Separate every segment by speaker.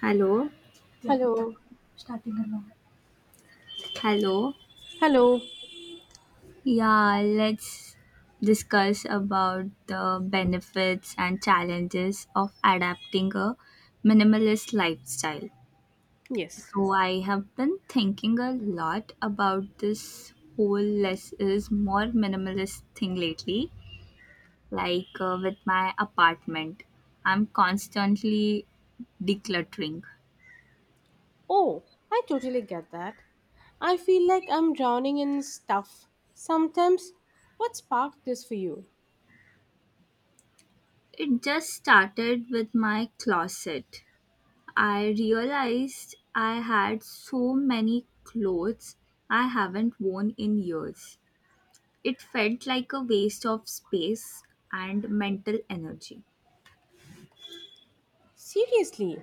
Speaker 1: Hello,
Speaker 2: Hello.
Speaker 1: hello.
Speaker 2: Hello.
Speaker 1: Yeah, let's discuss about the benefits and challenges of adapting a minimalist lifestyle.
Speaker 2: Yes.
Speaker 1: So I have been thinking a lot about this whole less is more minimalist thing lately. Like with my apartment, I'm constantly decluttering.
Speaker 2: Oh, I totally get that. I feel like I'm drowning in stuff. Sometimes, what sparked this for you?
Speaker 1: It just started with my closet. I realized I had so many clothes I haven't worn in years. It felt like a waste of space and mental energy.
Speaker 2: Seriously,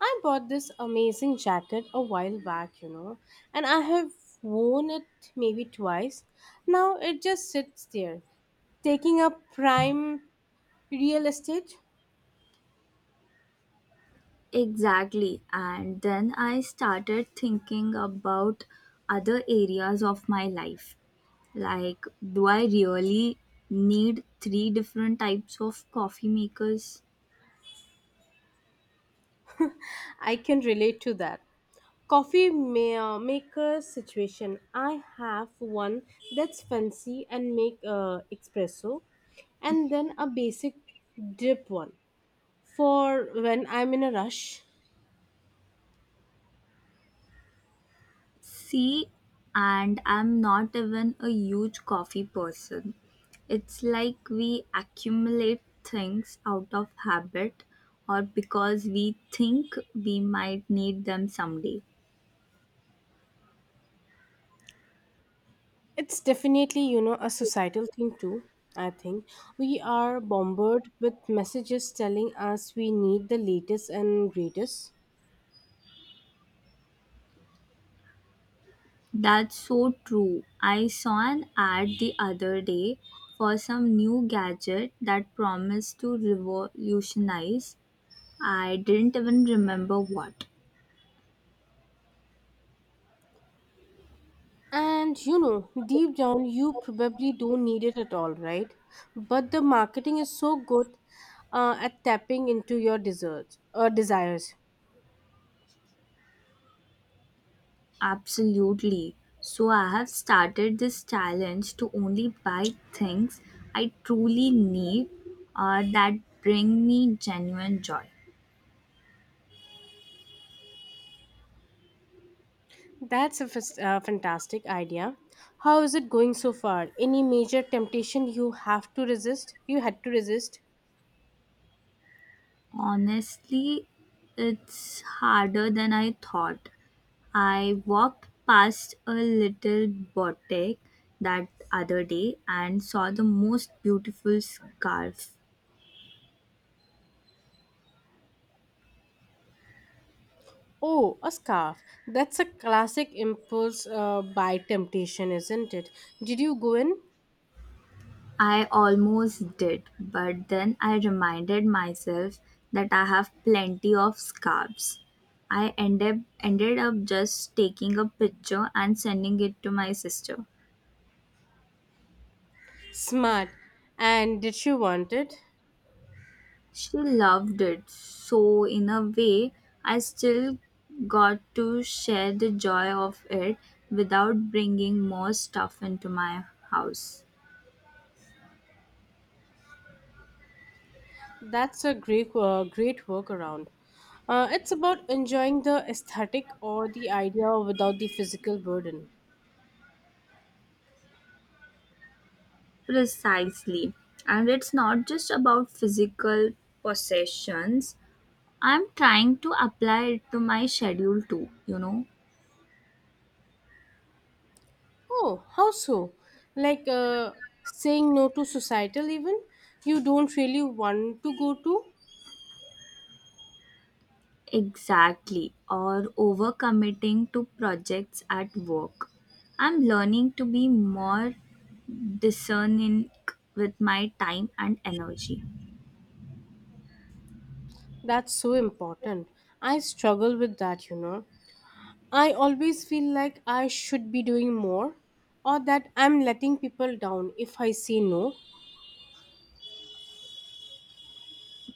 Speaker 2: I bought this amazing jacket a while back, and I have worn it maybe twice. Now it just sits there, taking up prime real estate.
Speaker 1: Exactly. And then I started thinking about other areas of my life. Like, do I really need three different types of coffee makers?
Speaker 2: I can relate to that. Maker situation. I have one that's fancy and make espresso, and then a basic drip one for when I'm in a rush.
Speaker 1: See, and I'm not even a huge coffee person. It's like we accumulate things out of habit or because we think we might need them someday.
Speaker 2: It's definitely, you know, a societal thing too. I think we are bombarded with messages telling us we need the latest and greatest.
Speaker 1: That's so true. I saw an ad the other day for some new gadget that promised to revolutionize. I didn't even remember what.
Speaker 2: And you know, deep down, you probably don't need it at all, right? But the marketing is so good at tapping into your desserts or desires.
Speaker 1: Absolutely. So I have started this challenge to only buy things I truly need or that bring me genuine joy.
Speaker 2: Fantastic idea. How is it going so far? Any major temptation you have to resist? you had to resist?
Speaker 1: Honestly, it's harder than I thought. I walked past a little boutique that other day and saw the most beautiful scarf.
Speaker 2: Oh, a scarf. That's a classic impulse buy temptation, isn't it? Did you go in?
Speaker 1: I almost did, but then I reminded myself that I have plenty of scarves. I ended up just taking a picture and sending it to my sister.
Speaker 2: Smart. And did you want it?
Speaker 1: She loved it, so in a way, I still got to share the joy of it without bringing more stuff into my house.
Speaker 2: Great workaround. It's about enjoying the aesthetic or the idea without the physical burden.
Speaker 1: Precisely. And it's not just about physical possessions, I'm trying to apply it to my schedule too, you know.
Speaker 2: Oh, how so? Like uh, saying no to societal even you don't really want to go to?
Speaker 1: Exactly. Or overcommitting to projects at work. I'm learning to be more discerning with my time and energy.
Speaker 2: That's so important. I struggle with that, you know. I always feel like I should be doing more or that I'm letting people down if I say no.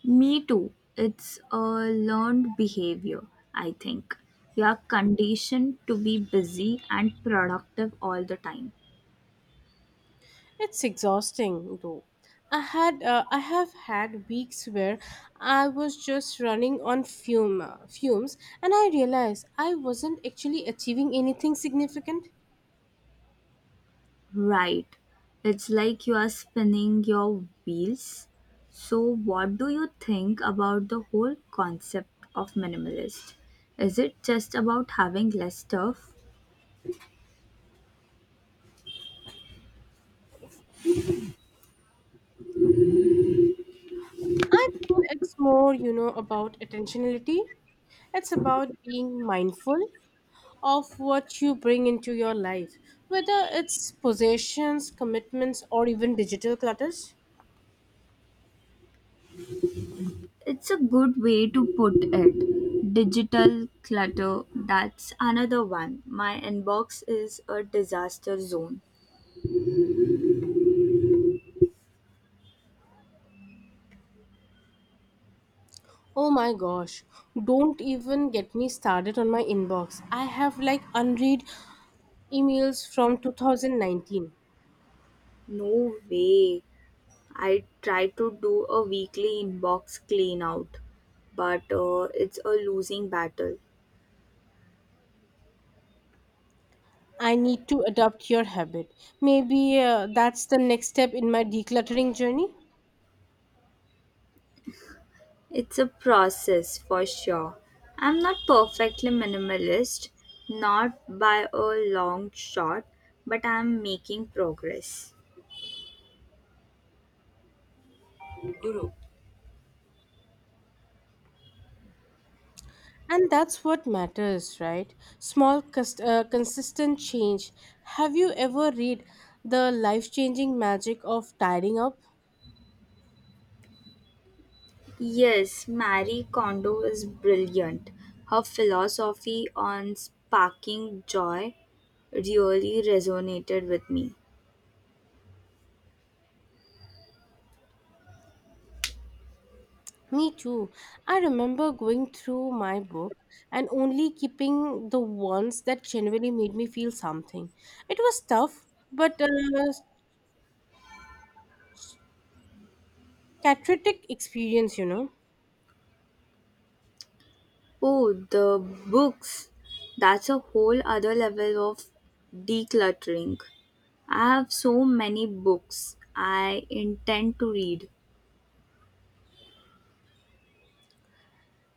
Speaker 1: Me too. It's a learned behavior, I think. You are conditioned to be busy and productive all the time.
Speaker 2: It's exhausting though. I have had weeks where I was just fumes and I realized I wasn't actually achieving anything significant.
Speaker 1: Right. It's like you are spinning your wheels. So, what do you think about the whole concept of minimalist? Is it just about having less stuff?
Speaker 2: I think it's more, you know, about attentionality. It's about being mindful of what you bring into your life, whether it's possessions, commitments, or even digital clutters.
Speaker 1: It's a good way to put it. Digital clutter, that's another one. My inbox is a disaster zone.
Speaker 2: Oh my gosh, don't even get me started on my inbox. I have like unread emails from 2019.
Speaker 1: No way. I try to do a weekly inbox clean out, but it's a losing battle.
Speaker 2: I need to adopt your habit. Maybe that's the next step in my decluttering journey.
Speaker 1: It's a process for sure. I'm not perfectly minimalist, not by a long shot, but I'm making progress.
Speaker 2: And that's what matters, right? Consistent change. Have you ever read The Life Changing Magic of Tidying Up?
Speaker 1: Yes, Marie Kondo is brilliant. Her philosophy on sparking joy really resonated with me.
Speaker 2: Me too. I remember going through my book and only keeping the ones that genuinely made me feel something. It was tough, but a cathartic experience, you know.
Speaker 1: Oh, the books. That's a whole other level of decluttering. I have so many books I intend to read.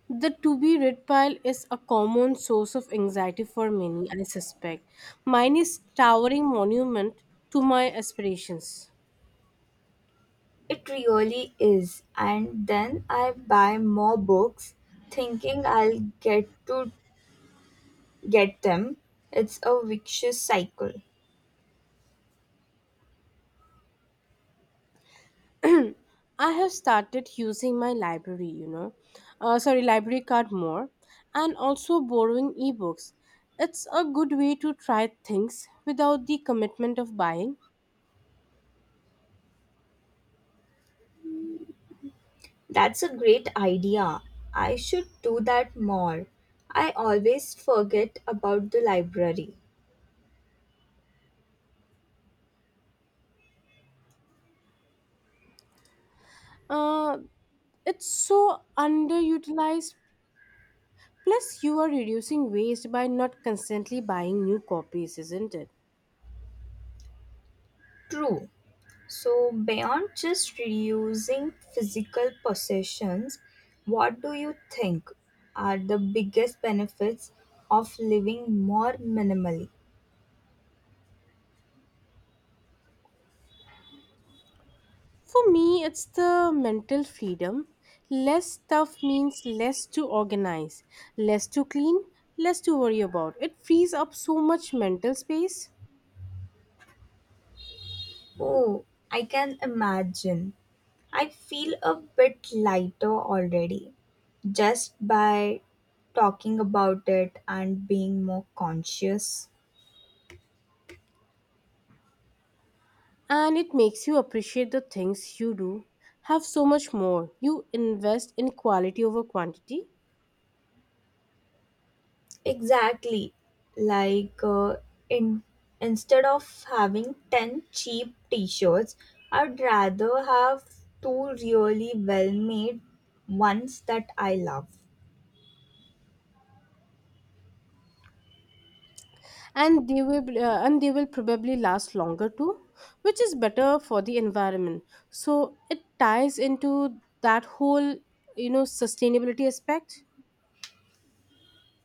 Speaker 2: The to be read pile is a common source of anxiety for many, I suspect. Mine is towering monument to my aspirations.
Speaker 1: It really is. And then I buy more books thinking I'll get them. It's a vicious cycle.
Speaker 2: I have started using my library, you know, sorry, library card more, and also borrowing ebooks. It's a good way to try things without the commitment of buying.
Speaker 1: That's a great idea. I should do that more. I always forget about the library.
Speaker 2: Uh, it's so underutilized. Plus, you are reducing waste by not constantly buying new copies, isn't it?
Speaker 1: True. So, beyond just reducing physical possessions, what do you think are the biggest benefits of living more minimally?
Speaker 2: For me, it's the mental freedom. Less stuff means less to organize, less to clean, less to worry about. It frees up so much mental space,
Speaker 1: Oh, I can imagine. I feel a bit lighter already just by talking about it and being more conscious.
Speaker 2: and it makes you appreciate the things you do. Have so much more. You invest in quality over quantity,
Speaker 1: Exactly. Like in instead of having 10 cheap t-shirts, I'd rather have two really well-made ones that I love.
Speaker 2: and they will probably last longer too, which is better for the environment. So it ties into that whole, you know, sustainability aspect.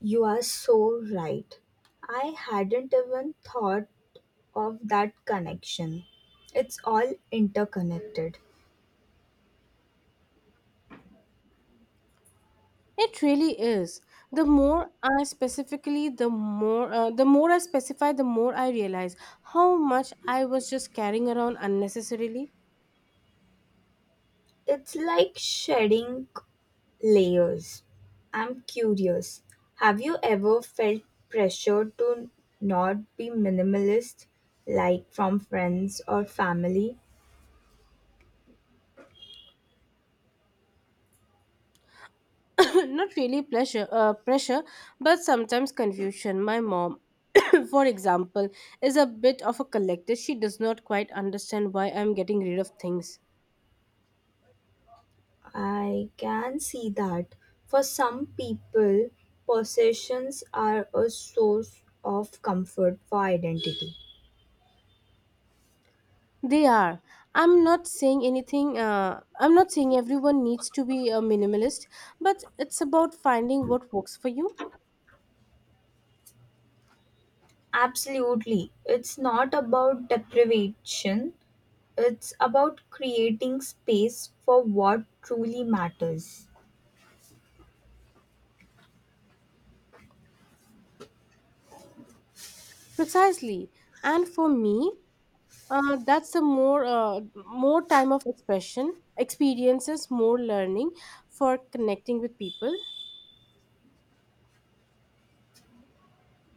Speaker 1: You are so right. I hadn't even thought of that connection. It's all interconnected.
Speaker 2: It really is. The more I specify, the more I realize how much I was just carrying around unnecessarily.
Speaker 1: It's like shedding layers. I'm curious, have you ever felt pressure to not be minimalist, like from friends or family?
Speaker 2: Not really pleasure, pressure, but sometimes confusion. My mom, for example, is a bit of a collector. She does not quite understand why I'm getting rid of things.
Speaker 1: I can see that. For some people, possessions are a source of comfort for identity.
Speaker 2: They are. I'm not saying anything. I'm not saying everyone needs to be a minimalist, but it's about finding what works for you.
Speaker 1: Absolutely. It's not about deprivation, it's about creating space for what truly matters.
Speaker 2: Precisely, and for me, that's a more more time of expression, experiences, more learning for connecting with people.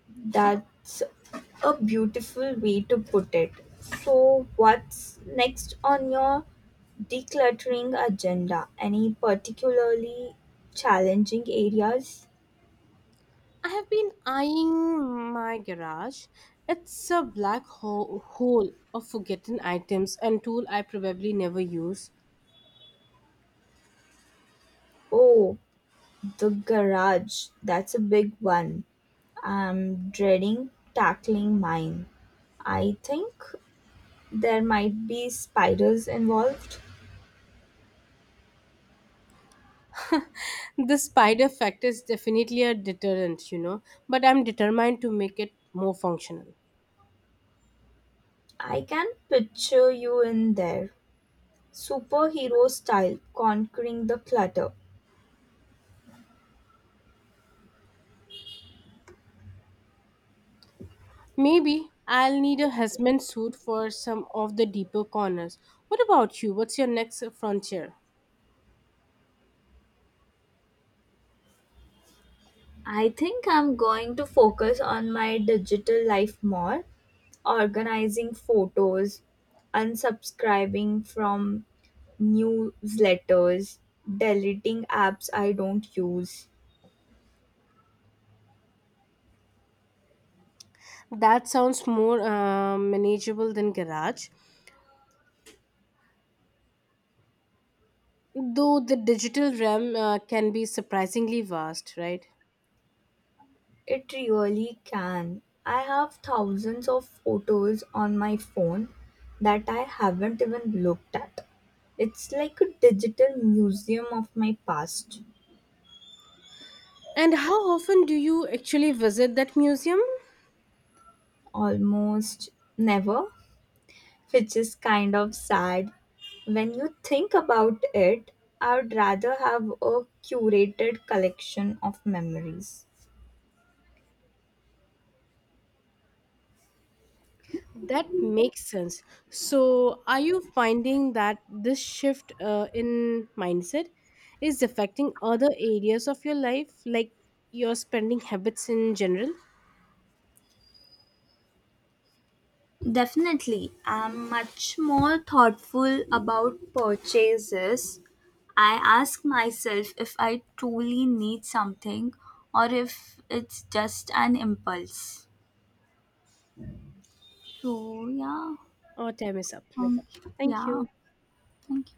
Speaker 1: That's a beautiful way to put it. So, what's next on your decluttering agenda? Any particularly challenging areas?
Speaker 2: I have been eyeing my garage. It's a hole of forgotten items and tool I probably never use.
Speaker 1: Oh, the garage. That's a big one. I'm dreading tackling mine. I think there might be spiders involved.
Speaker 2: The spider factor is definitely a deterrent, you know, but I'm determined to make it more functional.
Speaker 1: I can picture you in there, superhero style, conquering the clutter.
Speaker 2: Maybe I'll need a husband suit for some of the deeper corners. What about you? What's your next frontier?
Speaker 1: I think I'm going to focus on my digital life more, organizing photos, unsubscribing from newsletters, deleting apps I don't use.
Speaker 2: That sounds more manageable than garage, though the digital realm can be surprisingly vast, right?
Speaker 1: It really can. I have thousands of photos on my phone that I haven't even looked at. It's like a digital museum of my past.
Speaker 2: And how often do you actually visit that museum?
Speaker 1: Almost never, which is kind of sad. When you think about it, I would rather have a curated collection of memories.
Speaker 2: That makes sense. So, are you finding that this shift in mindset is affecting other areas of your life, like your spending habits in general?
Speaker 1: Definitely, I'm much more thoughtful about purchases. I ask myself if I truly need something or if it's just an impulse. So, yeah,
Speaker 2: Our time is up.
Speaker 1: um,
Speaker 2: Thank
Speaker 1: yeah,
Speaker 2: you.
Speaker 1: thank you.